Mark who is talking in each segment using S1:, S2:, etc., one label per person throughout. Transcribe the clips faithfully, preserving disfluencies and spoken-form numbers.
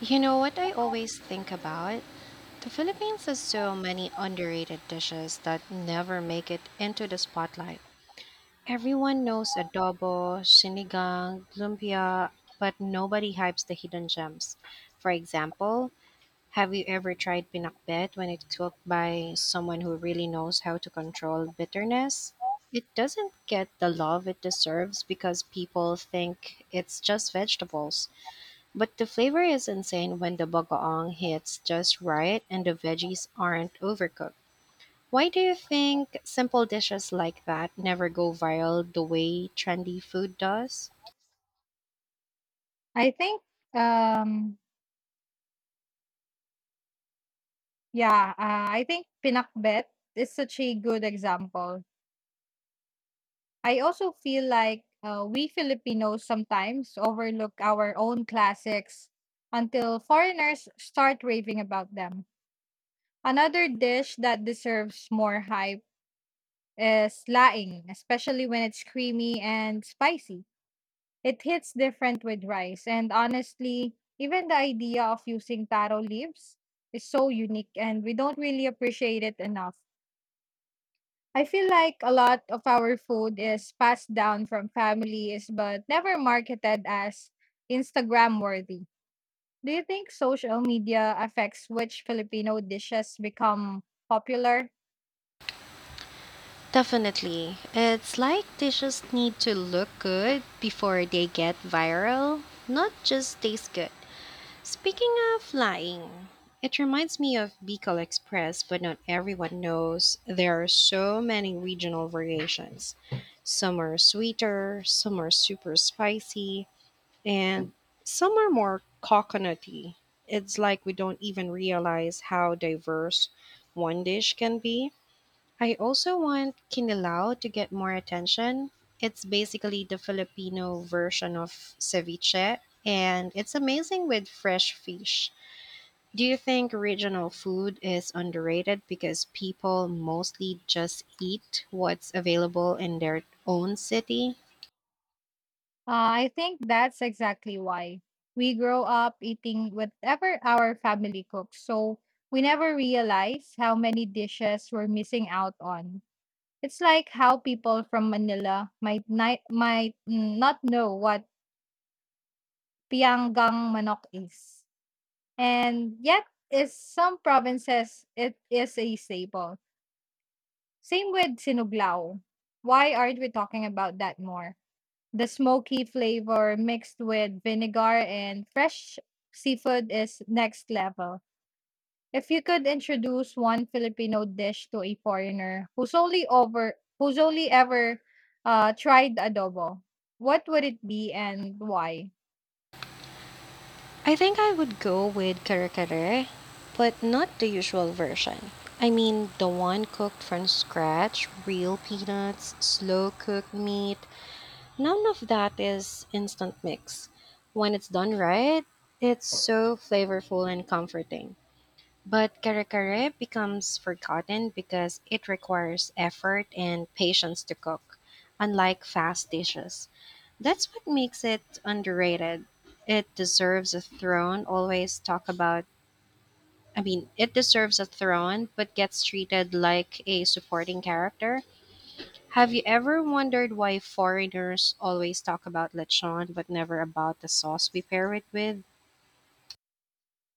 S1: You know what I always think about? The Philippines has so many underrated dishes that never make it into the spotlight. Everyone knows adobo, sinigang, lumpia, but nobody hypes the hidden gems. For example, have you ever tried pinakbet when it's cooked by someone who really knows how to control bitterness? It doesn't get the love it deserves because people think it's just vegetables. But the flavor is insane when the bagoong hits just right and the veggies aren't overcooked. Why do you think simple dishes like that never go viral the way trendy food does?
S2: I think, um, yeah, uh, I think Pinakbet is such a good example. I also feel like uh, we Filipinos sometimes overlook our own classics until foreigners start raving about them. Another dish that deserves more hype is laing, especially when it's creamy and spicy. It hits different with rice, and honestly, even the idea of using taro leaves is so unique and we don't really appreciate it enough. I feel like a lot of our food is passed down from families but never marketed as Instagram worthy. Do you think social media affects which Filipino dishes become popular?
S1: Definitely. It's like dishes need to look good before they get viral, not just taste good. Speaking of flying, it reminds me of Bicol Express, but not everyone knows there are so many regional variations. Some are sweeter, some are super spicy, and some are more coconutty. It's like we don't even realize how diverse one dish can be. I also want Kinilaw to get more attention. It's basically the Filipino version of ceviche, and it's amazing with fresh fish. Do you think regional food is underrated because people mostly just eat what's available in their own city?
S2: Uh, I think that's exactly why. We grow up eating whatever our family cooks, so we never realize how many dishes we're missing out on. It's like how people from Manila might ni- might mm, not know what pianggang manok is. And yet, in some provinces, it is a staple. Same with sinuglao. Why aren't we talking about that more? The smoky flavor mixed with vinegar and fresh seafood is next level. If you could introduce one Filipino dish to a foreigner who's only over who's only ever uh, tried adobo, what would it be and why?
S1: I think I would go with kare kare, but not the usual version. I mean, the one cooked from scratch, real peanuts, slow cooked meat, none of that is instant mix. When it's done right, it's so flavorful and comforting. But kare kare becomes forgotten because it requires effort and patience to cook, unlike fast dishes. That's what makes it underrated. It deserves a throne, always talk about. I mean, it deserves a throne, but gets treated like a supporting character. Have you ever wondered why foreigners always talk about lechon but never about the sauce we pair it with?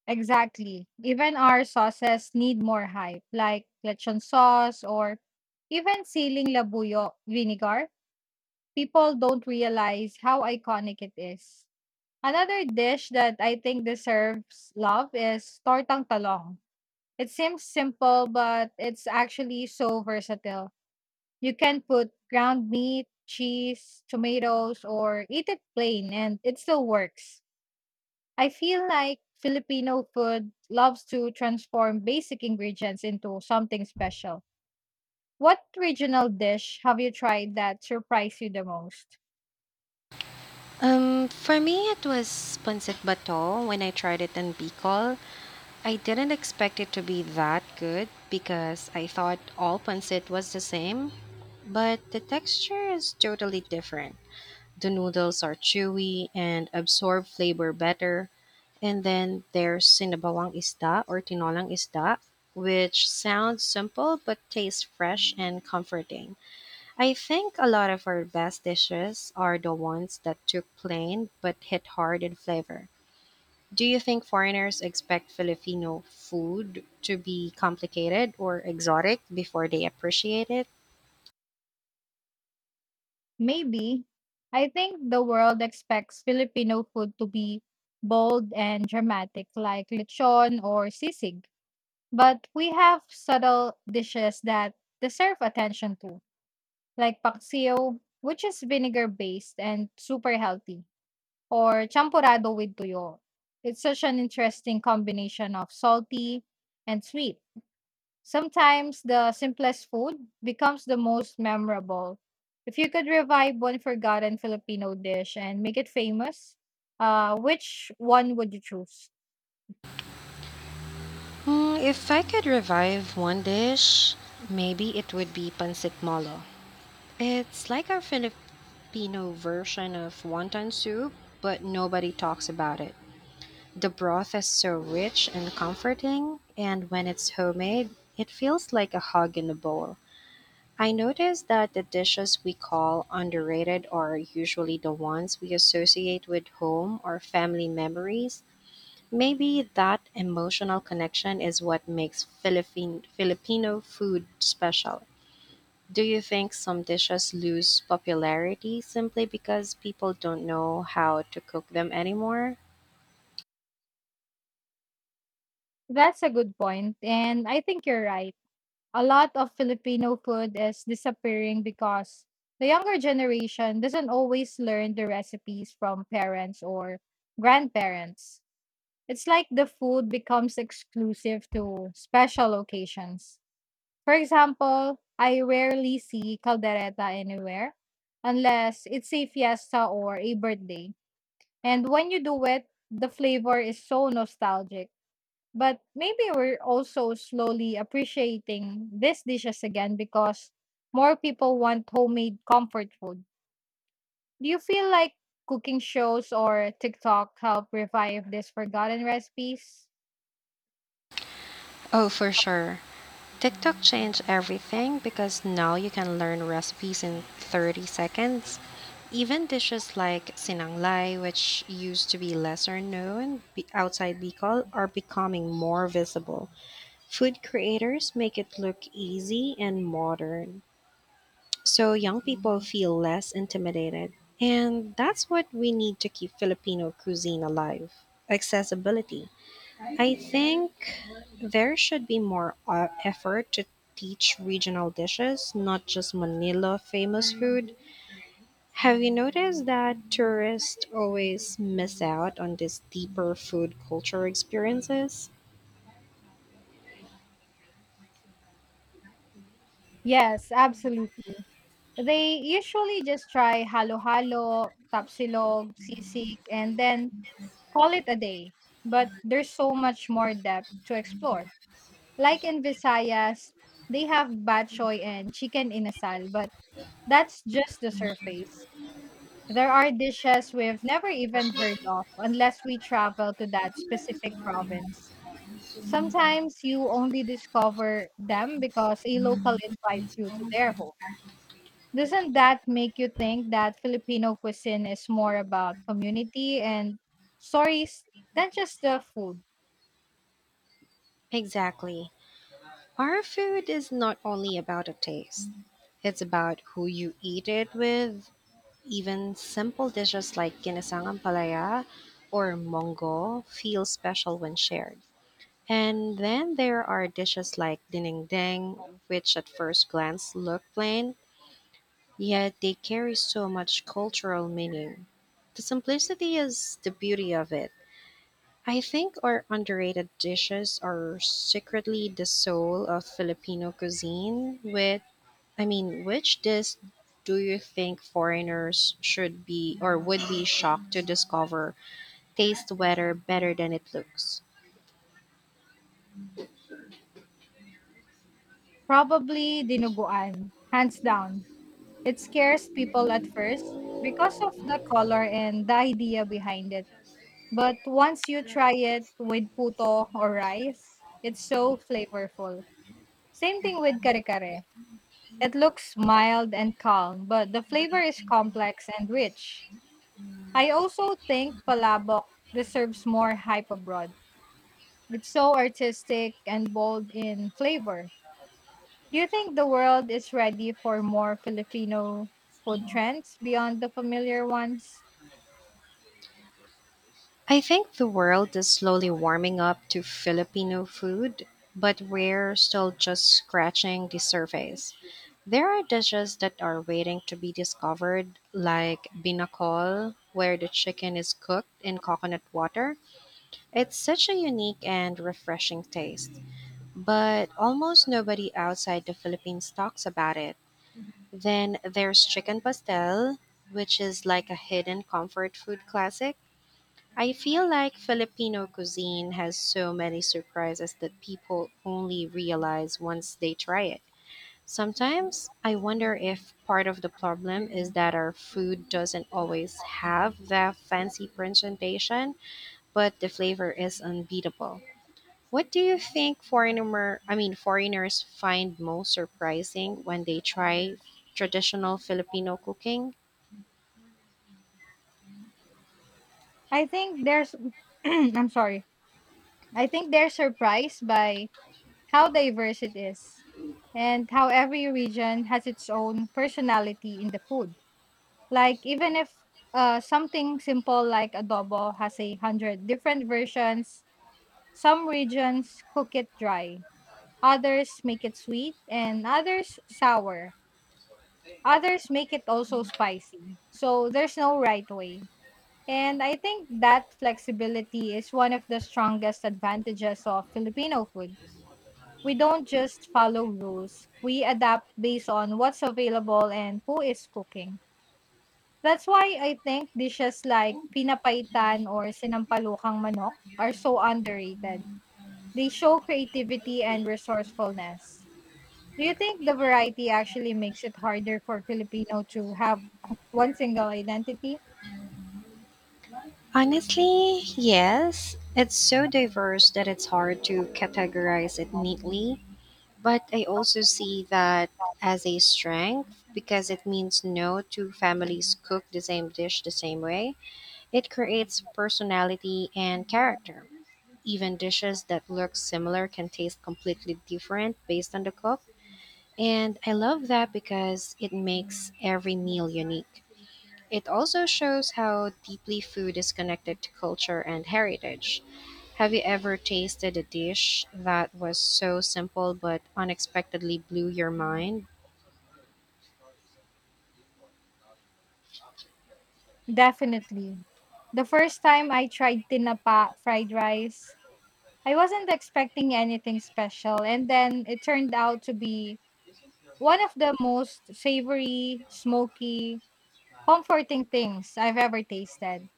S2: Exactly. Even our sauces need more hype, like lechon sauce or even siling labuyo vinegar. People don't realize how iconic it is. Another dish that I think deserves love is tortang talong. It seems simple, but it's actually so versatile. You can put ground meat, cheese, tomatoes, or eat it plain, and it still works. I feel like Filipino food loves to transform basic ingredients into something special. What regional dish have you tried that surprised you the most?
S1: Um, for me, it was pancit bato when I tried it in Bicol. I didn't expect it to be that good because I thought all pancit was the same, but the texture is totally different. The noodles are chewy and absorb flavor better. And then there's sinabawang isda or tinolang isda, which sounds simple but tastes fresh and comforting. I think a lot of our best dishes are the ones that took plain but hit hard in flavor. Do you think foreigners expect Filipino food to be complicated or exotic before they appreciate it?
S2: Maybe. I think the world expects Filipino food to be bold and dramatic, like lechon or sisig. But we have subtle dishes that deserve attention too, like paksiw, which is vinegar based and super healthy, or champurado with tuyo. It's such an interesting combination of salty and sweet. Sometimes the simplest food becomes the most memorable. If you could revive one forgotten Filipino dish and make it famous, uh, which one would you choose?
S1: Mm, if I could revive one dish, maybe it would be pancit molo. It's like our Filipino version of wonton soup, but nobody talks about it. The broth is so rich and comforting, and when it's homemade, it feels like a hug in a bowl. I noticed that the dishes we call underrated are usually the ones we associate with home or family memories. Maybe that emotional connection is what makes Philippine Filipino food special. Do you think some dishes lose popularity simply because people don't know how to cook them anymore?
S2: That's a good point, and I think you're right. A lot of Filipino food is disappearing because the younger generation doesn't always learn the recipes from parents or grandparents. It's like the food becomes exclusive to special occasions. For example, I rarely see caldereta anywhere unless it's a fiesta or a birthday. And when you do it, the flavor is so nostalgic. But maybe we're also slowly appreciating these dishes again because more people want homemade comfort food. Do you feel like cooking shows or TikTok help revive these forgotten recipes?
S1: Oh, for sure. TikTok changed everything because now you can learn recipes in thirty seconds. Even dishes like sinanglay, which used to be lesser known be- outside Bicol, are becoming more visible. Food creators make it look easy and modern, so young people feel less intimidated. And that's what we need to keep Filipino cuisine alive, accessibility. I think there should be more uh, effort to teach regional dishes, not just Manila famous food. Have you noticed that tourists always miss out on these deeper food culture experiences?
S2: Yes, absolutely. They usually just try halo-halo, tapsilog, sisig, and then call it a day. But there's so much more depth to explore. Like in Visayas, they have bad and chicken inasal, but that's just the surface. There are dishes we've never even heard of unless we travel to that specific province. Sometimes you only discover them because a local invites you to their home. Doesn't that make you think that Filipino cuisine is more about community and stories than just the food?
S1: Exactly. Our food is not only about the taste, it's about who you eat it with. Even simple dishes like ginisangang palaya or mongo feel special when shared. And then there are dishes like dinengdeng, which at first glance look plain, yet they carry so much cultural meaning. The simplicity is the beauty of it. I think our underrated dishes are secretly the soul of Filipino cuisine. With, I mean, which dish do you think foreigners should be or would be shocked to discover taste weather better than it looks?
S2: Probably dinuguan, hands down. It scares people at first because of the color and the idea behind it. But once you try it with puto or rice, it's so flavorful. Same thing with kare kare. It looks mild and calm, but the flavor is complex and rich. I also think palabok deserves more hype abroad. It's so artistic and bold in flavor. Do you think the world is ready for more Filipino food trends beyond the familiar ones?
S1: I think the world is slowly warming up to Filipino food, but we're still just scratching the surface. There are dishes that are waiting to be discovered, like binakol, where the chicken is cooked in coconut water. It's such a unique and refreshing taste, but almost nobody outside the Philippines talks about it. Then there's chicken pastel, which is like a hidden comfort food classic. I feel like Filipino cuisine has so many surprises that people only realize once they try it. Sometimes I wonder if part of the problem is that our food doesn't always have the fancy presentation, but the flavor is unbeatable. What do you think foreigner I mean, foreigners find most surprising when they try traditional Filipino cooking?
S2: I think there's I'm sorry. I think they're surprised by how diverse it is and how every region has its own personality in the food. Like even if uh, something simple like adobo has a hundred different versions. Some regions cook it dry, others make it sweet, and others sour. Others make it also spicy. So there's no right way. And I think that flexibility is one of the strongest advantages of Filipino food. We don't just follow rules, we adapt based on what's available and who is cooking. That's why I think dishes like pinapaitan or sinampalukang manok are so underrated. They show creativity and resourcefulness. Do you think the variety actually makes it harder for Filipino to have one single identity?
S1: Honestly, yes. It's so diverse that it's hard to categorize it neatly. But I also see that as a strength because it means no two families cook the same dish the same way. It creates personality and character. Even dishes that look similar can taste completely different based on the cook. And I love that because it makes every meal unique. It also shows how deeply food is connected to culture and heritage. Have you ever tasted a dish that was so simple but unexpectedly blew your mind?
S2: Definitely. The first time I tried tinapa fried rice, I wasn't expecting anything special and then it turned out to be one of the most savory, smoky, comforting things I've ever tasted.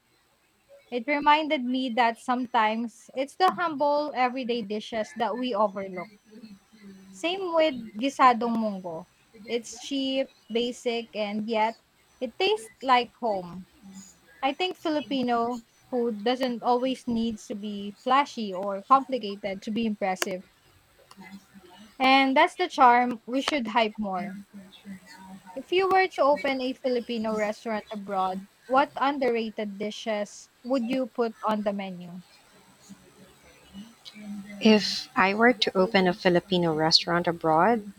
S2: It reminded me that sometimes it's the humble everyday dishes that we overlook. Same with gisadong munggo. It's cheap, basic, and yet it tastes like home. I think Filipino food doesn't always needs to be flashy or complicated to be impressive. And that's the charm we should hype more. If you were to open a Filipino restaurant abroad, what underrated dishes would you put on the menu?
S1: If I were to open a Filipino restaurant abroad,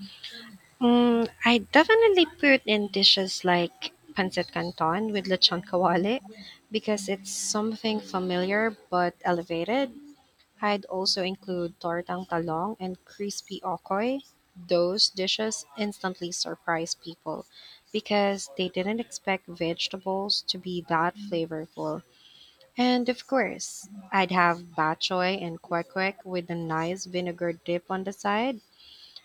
S1: mm, I'd definitely put in dishes like pancit canton with lechon kawali because it's something familiar but elevated. I'd also include tortang talong and crispy okoy. Those dishes instantly surprise people because they didn't expect vegetables to be that flavorful. And of course, I'd have bok choy and kwek kwek with a nice vinegar dip on the side.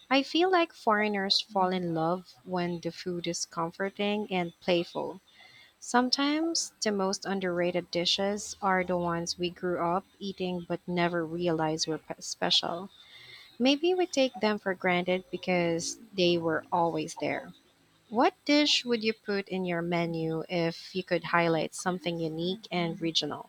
S1: I feel like foreigners fall in love when the food is comforting and playful. Sometimes the most underrated dishes are the ones we grew up eating but never realized were pe- special. Maybe we take them for granted because they were always there. What dish would you put in your menu if you could highlight something unique and regional?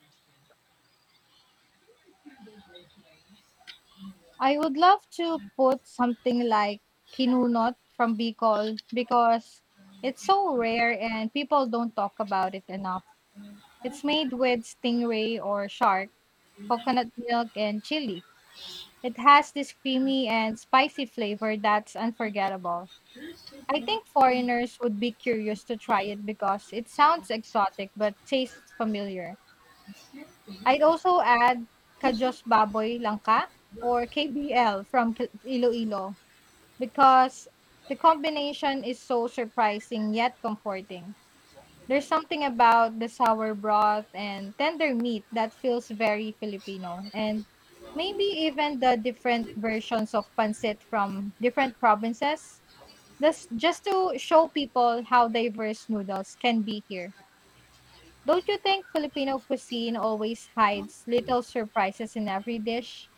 S2: I would love to put something like kinunot from Bicol because it's so rare and people don't talk about it enough. It's made with stingray or shark, coconut milk, and chili. It has this creamy and spicy flavor that's unforgettable. I think foreigners would be curious to try it because it sounds exotic but tastes familiar. I'd also add Kajos Baboy Langka or K B L from K- Iloilo because the combination is so surprising yet comforting. There's something about the sour broth and tender meat that feels very Filipino, and maybe even the different versions of pancit from different provinces. This just to show people how diverse noodles can be here. Don't you think Filipino cuisine always hides little surprises in every dish?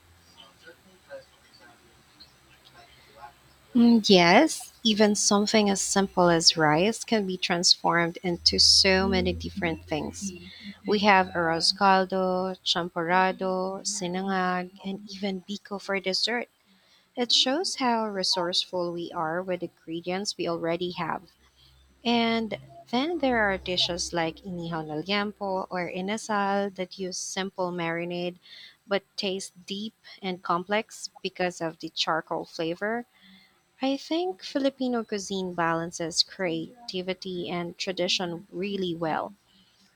S1: Mm, Yes, even something as simple as rice can be transformed into so many different things. We have arroz caldo, champorado, sinangag, and even biko for dessert. It shows how resourceful we are with ingredients we already have. And then there are dishes like inihon al yampo or inasal that use simple marinade but taste deep and complex because of the charcoal flavor. I think Filipino cuisine balances creativity and tradition really well.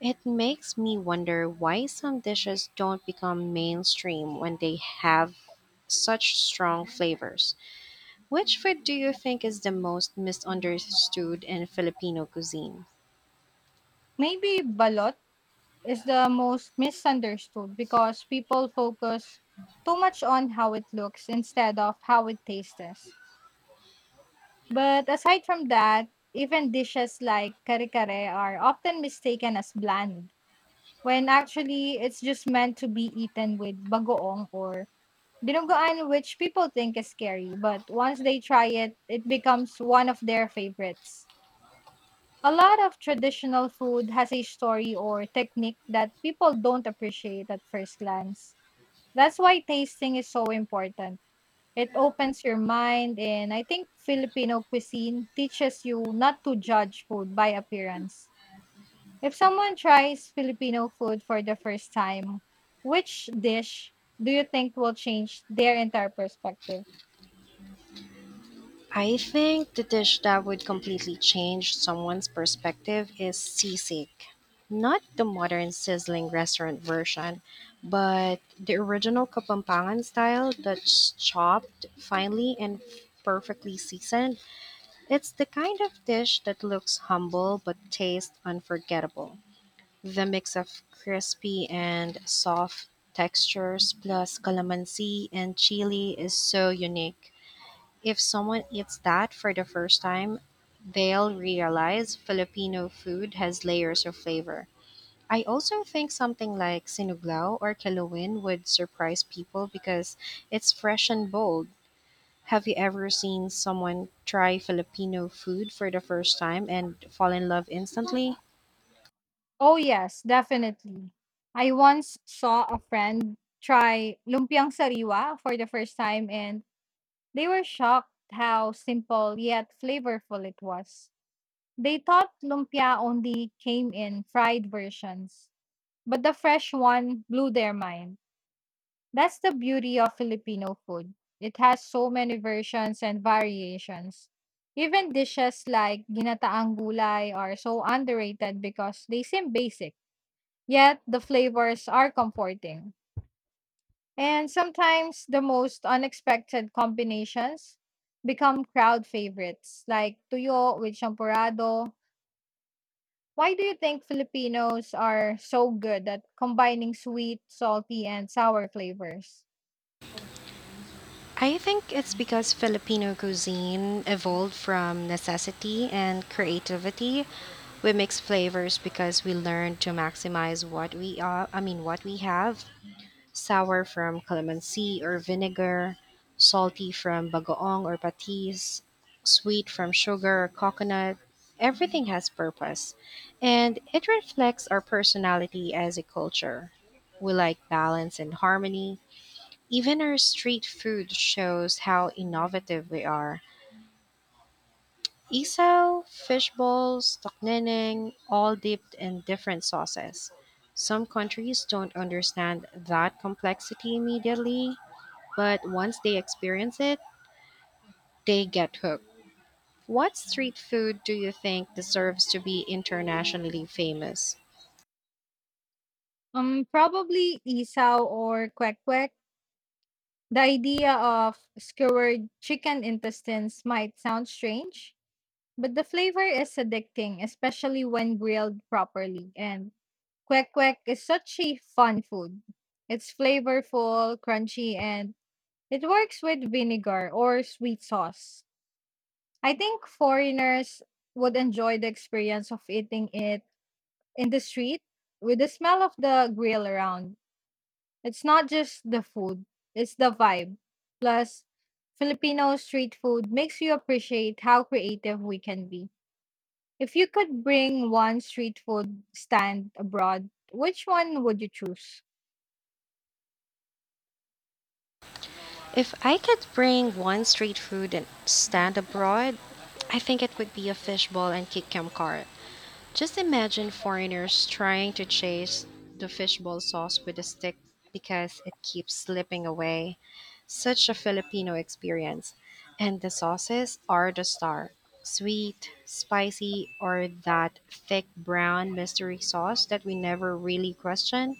S1: It makes me wonder why some dishes don't become mainstream when they have such strong flavors. Which food do you think is the most misunderstood in Filipino cuisine?
S2: Maybe balot is the most misunderstood because people focus too much on how it looks instead of how it tastes. But aside from that, even dishes like kare kare are often mistaken as bland, when actually it's just meant to be eaten with bagoong or dinuguan, which people think is scary. But once they try it, it becomes one of their favorites. A lot of traditional food has a story or technique that people don't appreciate at first glance. That's why tasting is so important. It opens your mind, and I think Filipino cuisine teaches you not to judge food by appearance. If someone tries Filipino food for the first time, which dish do you think will change their entire perspective?
S1: I think the dish that would completely change someone's perspective is sisig. Not the modern sizzling restaurant version, but the original Kapampangan style that's chopped finely and perfectly seasoned. It's the kind of dish that looks humble but tastes unforgettable. The mix of crispy and soft textures plus calamansi and chili is so unique. If someone eats that for the first time, they'll realize Filipino food has layers of flavor. I also think something like sinuglaw or kilawin would surprise people because it's fresh and bold. Have you ever seen someone try Filipino food for the first time and fall in love instantly?
S2: Oh, yes, definitely. I once saw a friend try lumpiang sariwa for the first time, and they were shocked how simple yet flavorful it was. They thought lumpia only came in fried versions, but the fresh one blew their mind. That's the beauty of Filipino food. It has so many versions and variations. Even dishes like ginataang gulay are so underrated because they seem basic, yet the flavors are comforting. And sometimes the most unexpected combinations become crowd favorites like tuyo with champurado. Why do you think Filipinos are so good at combining sweet, salty, and sour flavors?
S1: I think it's because Filipino cuisine evolved from necessity and creativity. We mix flavors because we learn to maximize what we are, I mean, what we have. Sour from calamansi or vinegar, salty from bagoong or patis, sweet from sugar or coconut. Everything has purpose, and it reflects our personality as a culture. We like balance and harmony, even our street food shows how innovative we are. Isaw, fish balls, toknening, all dipped in different sauces. Some countries don't understand that complexity immediately, but once they experience it, they get hooked. What street food do you think deserves to be internationally famous?
S2: Um, probably isaw or kwek-kwek. The idea of skewered chicken intestines might sound strange, but the flavor is addicting, especially when grilled properly. And kwek-kwek is such a fun food. It's flavorful, crunchy, and it works with vinegar or sweet sauce. I think foreigners would enjoy the experience of eating it in the street with the smell of the grill around. It's not just the food, it's the vibe. Plus, Filipino street food makes you appreciate how creative we can be. If you could bring one street food stand abroad, which one would you choose?
S1: If I could bring one street food and stand abroad, I think it would be a fishball and kikiam cart. Just imagine foreigners trying to chase the fishbowl sauce with a stick because it keeps slipping away. Such a Filipino experience. And the sauces are the star, sweet, spicy, or that thick brown mystery sauce that we never really question.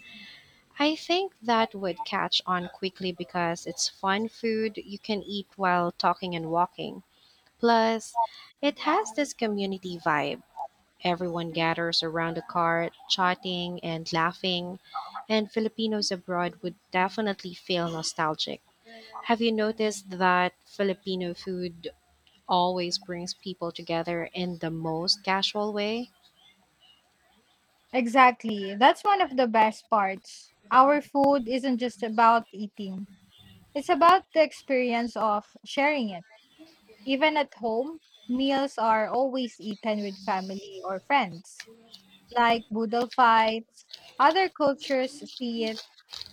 S1: I think that would catch on quickly because it's fun food you can eat while talking and walking. Plus, it has this community vibe. Everyone gathers around the cart, chatting and laughing, and Filipinos abroad would definitely feel nostalgic. Have you noticed that Filipino food always brings people together in the most casual way?
S2: Exactly. That's one of the best parts. Our food isn't just about eating, it's about the experience of sharing it. Even at home, meals are always eaten with family or friends, like boodle fights. Other cultures see it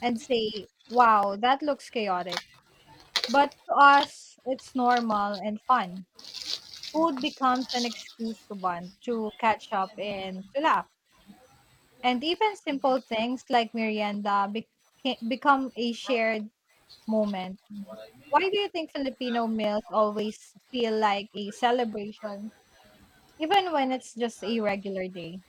S2: and say, wow, that looks chaotic. But to us, it's normal and fun. Food becomes an excuse to bond, to catch up, and to laugh. And even simple things like merienda beca- become a shared moment. Why do you think Filipino meals always feel like a celebration, even when it's just a regular day?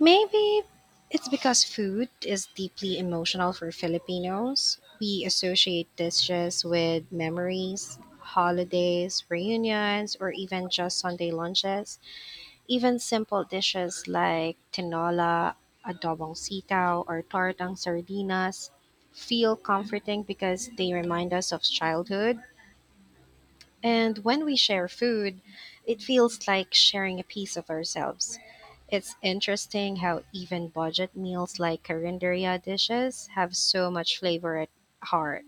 S1: Maybe it's because food is deeply emotional for Filipinos. We associate dishes with memories, holidays, reunions, or even just Sunday lunches. Even simple dishes like tinola, adobong sitaw, or tortang sardinas feel comforting because they remind us of childhood. And when we share food, it feels like sharing a piece of ourselves. It's interesting how even budget meals like carinderia dishes have so much flavor at heart,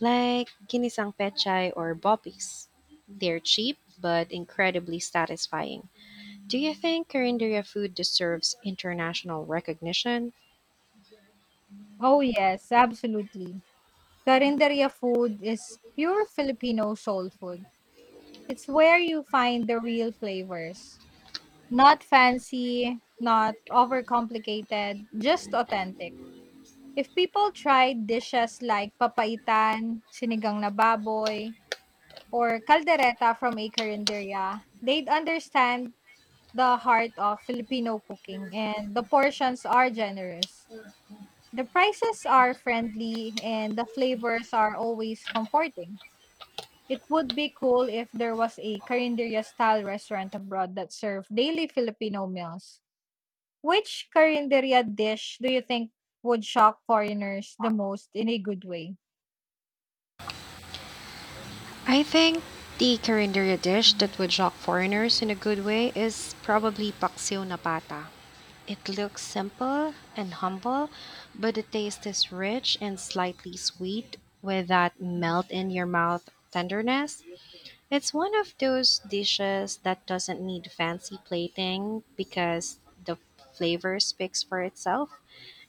S1: like ginisang pechay or boppies. They're cheap but incredibly satisfying. Do you think carinderia food deserves international recognition?
S2: Oh, yes, absolutely. Carinderia food is pure Filipino soul food. It's where you find the real flavors. Not fancy, not overcomplicated, just authentic. If people tried dishes like papaitan, sinigang na baboy, or caldereta from a carinderia, they'd understand the heart of Filipino cooking, and the portions are generous. The prices are friendly and the flavors are always comforting. It would be cool if there was a carinderia style restaurant abroad that served daily Filipino meals. Which carinderia dish do you think would shock foreigners the most in a good way?
S1: I think the carinderia dish that would shock foreigners in a good way is probably paksiw na pata. It looks simple and humble, but the taste is rich and slightly sweet with that melt in your mouth tenderness. It's one of those dishes that doesn't need fancy plating because the flavor speaks for itself.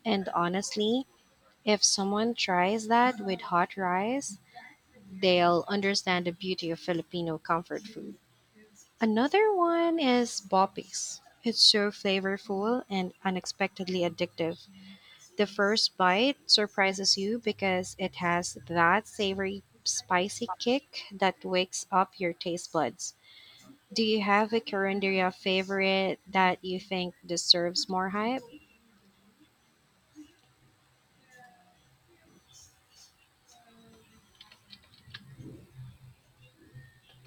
S1: And honestly, if someone tries that with hot rice, they'll understand the beauty of Filipino comfort food. Another one is Bopis. It's so flavorful and unexpectedly addictive. The first bite surprises you because it has that savory, spicy kick that wakes up your taste buds. Do you have a Coranderia favorite that you think deserves more hype?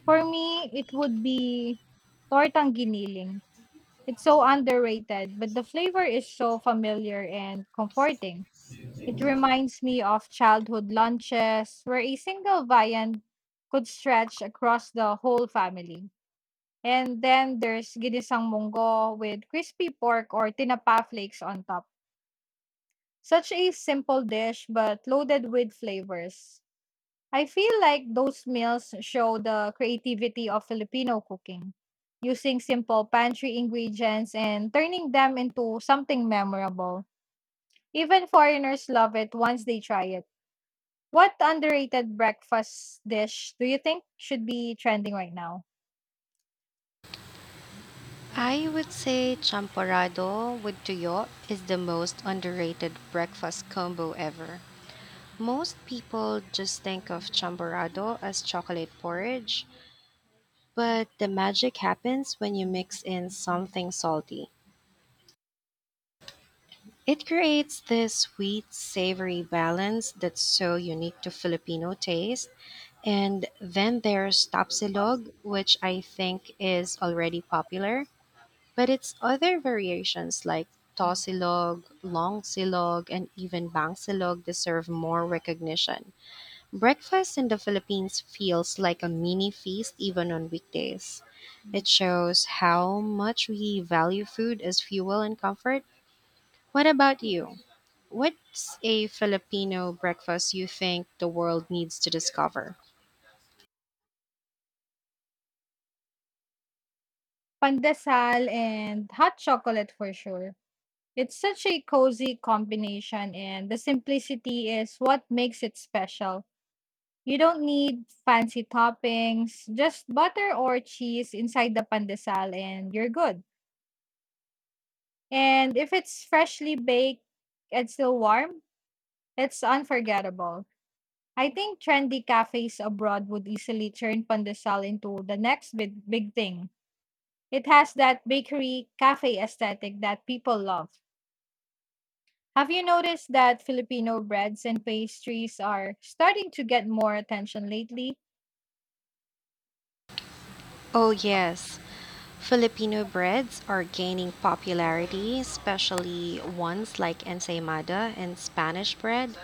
S2: For me, it would be tortang giniling. It's so underrated, but the flavor is so familiar and comforting. It reminds me of childhood lunches where a single viand could stretch across the whole family. And then there's ginisang munggo with crispy pork or tinapa flakes on top. Such a simple dish but loaded with flavors. I feel like those meals show the creativity of Filipino cooking, using simple pantry ingredients and turning them into something memorable. Even foreigners love it once they try it. What underrated breakfast dish do you think should be trending right now?
S1: I would say champorado with tuyo is the most underrated breakfast combo ever. Most people just think of champorado as chocolate porridge, but the magic happens when you mix in something salty. It creates this sweet, savory balance that's so unique to Filipino taste. And then there's tapsilog, which I think is already popular, but its other variations like Tausilog, Longsilog, and even Bangsilog deserve more recognition. Breakfast in the Philippines feels like a mini feast even on weekdays. It shows how much we value food as fuel and comfort. What about you? What's a Filipino breakfast you think the world needs to discover?
S2: Pandesal and hot chocolate for sure. It's such a cozy combination, and the simplicity is what makes it special. You don't need fancy toppings, just butter or cheese inside the pandesal, and you're good. And if it's freshly baked and still warm, it's unforgettable. I think trendy cafes abroad would easily turn pandesal into the next big, big thing. It has that bakery cafe aesthetic that people love. Have you noticed that Filipino breads and pastries are starting to get more attention lately?
S1: Oh, yes. Filipino breads are gaining popularity, especially ones like ensaymada and Spanish bread.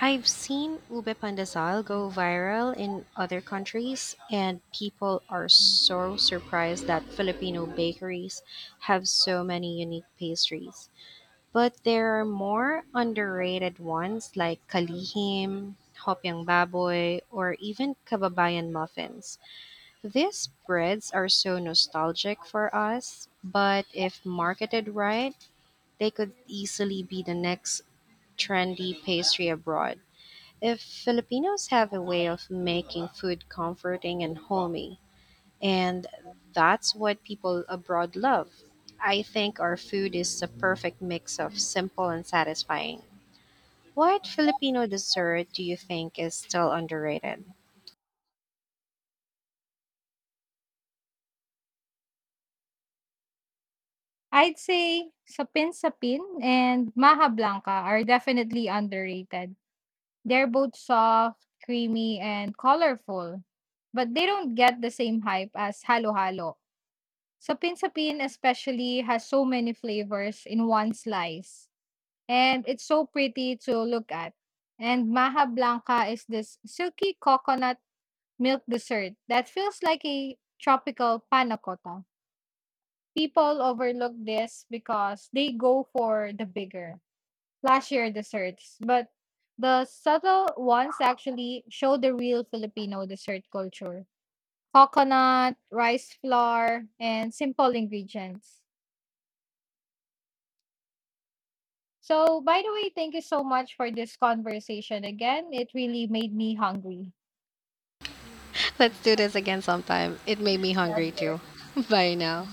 S1: I've seen ube pandesal go viral in other countries, and people are so surprised that Filipino bakeries have so many unique pastries. But there are more underrated ones like kalihim, hopyang baboy, or even kababayan muffins. These breads are so nostalgic for us, but if marketed right, they could easily be the next trendy pastry abroad. If Filipinos have a way of making food comforting and homey, and that's what people abroad love. I think our food is the perfect mix of simple and satisfying. What Filipino dessert do you think is still underrated?
S2: I'd say Sapin Sapin and Maha Blanca are definitely underrated. They're both soft, creamy, and colorful, but they don't get the same hype as Halo Halo. Sapin-sapin especially has so many flavors in one slice, and it's so pretty to look at. And Maha Blanca is this silky coconut milk dessert that feels like a tropical panna cotta. People overlook this because they go for the bigger, flashier desserts, but the subtle ones actually show the real Filipino dessert culture. Coconut, rice flour, and simple ingredients. So, by the way, thank you so much for this conversation again. It really made me hungry.
S1: Let's do this again sometime. It made me hungry too. Bye now.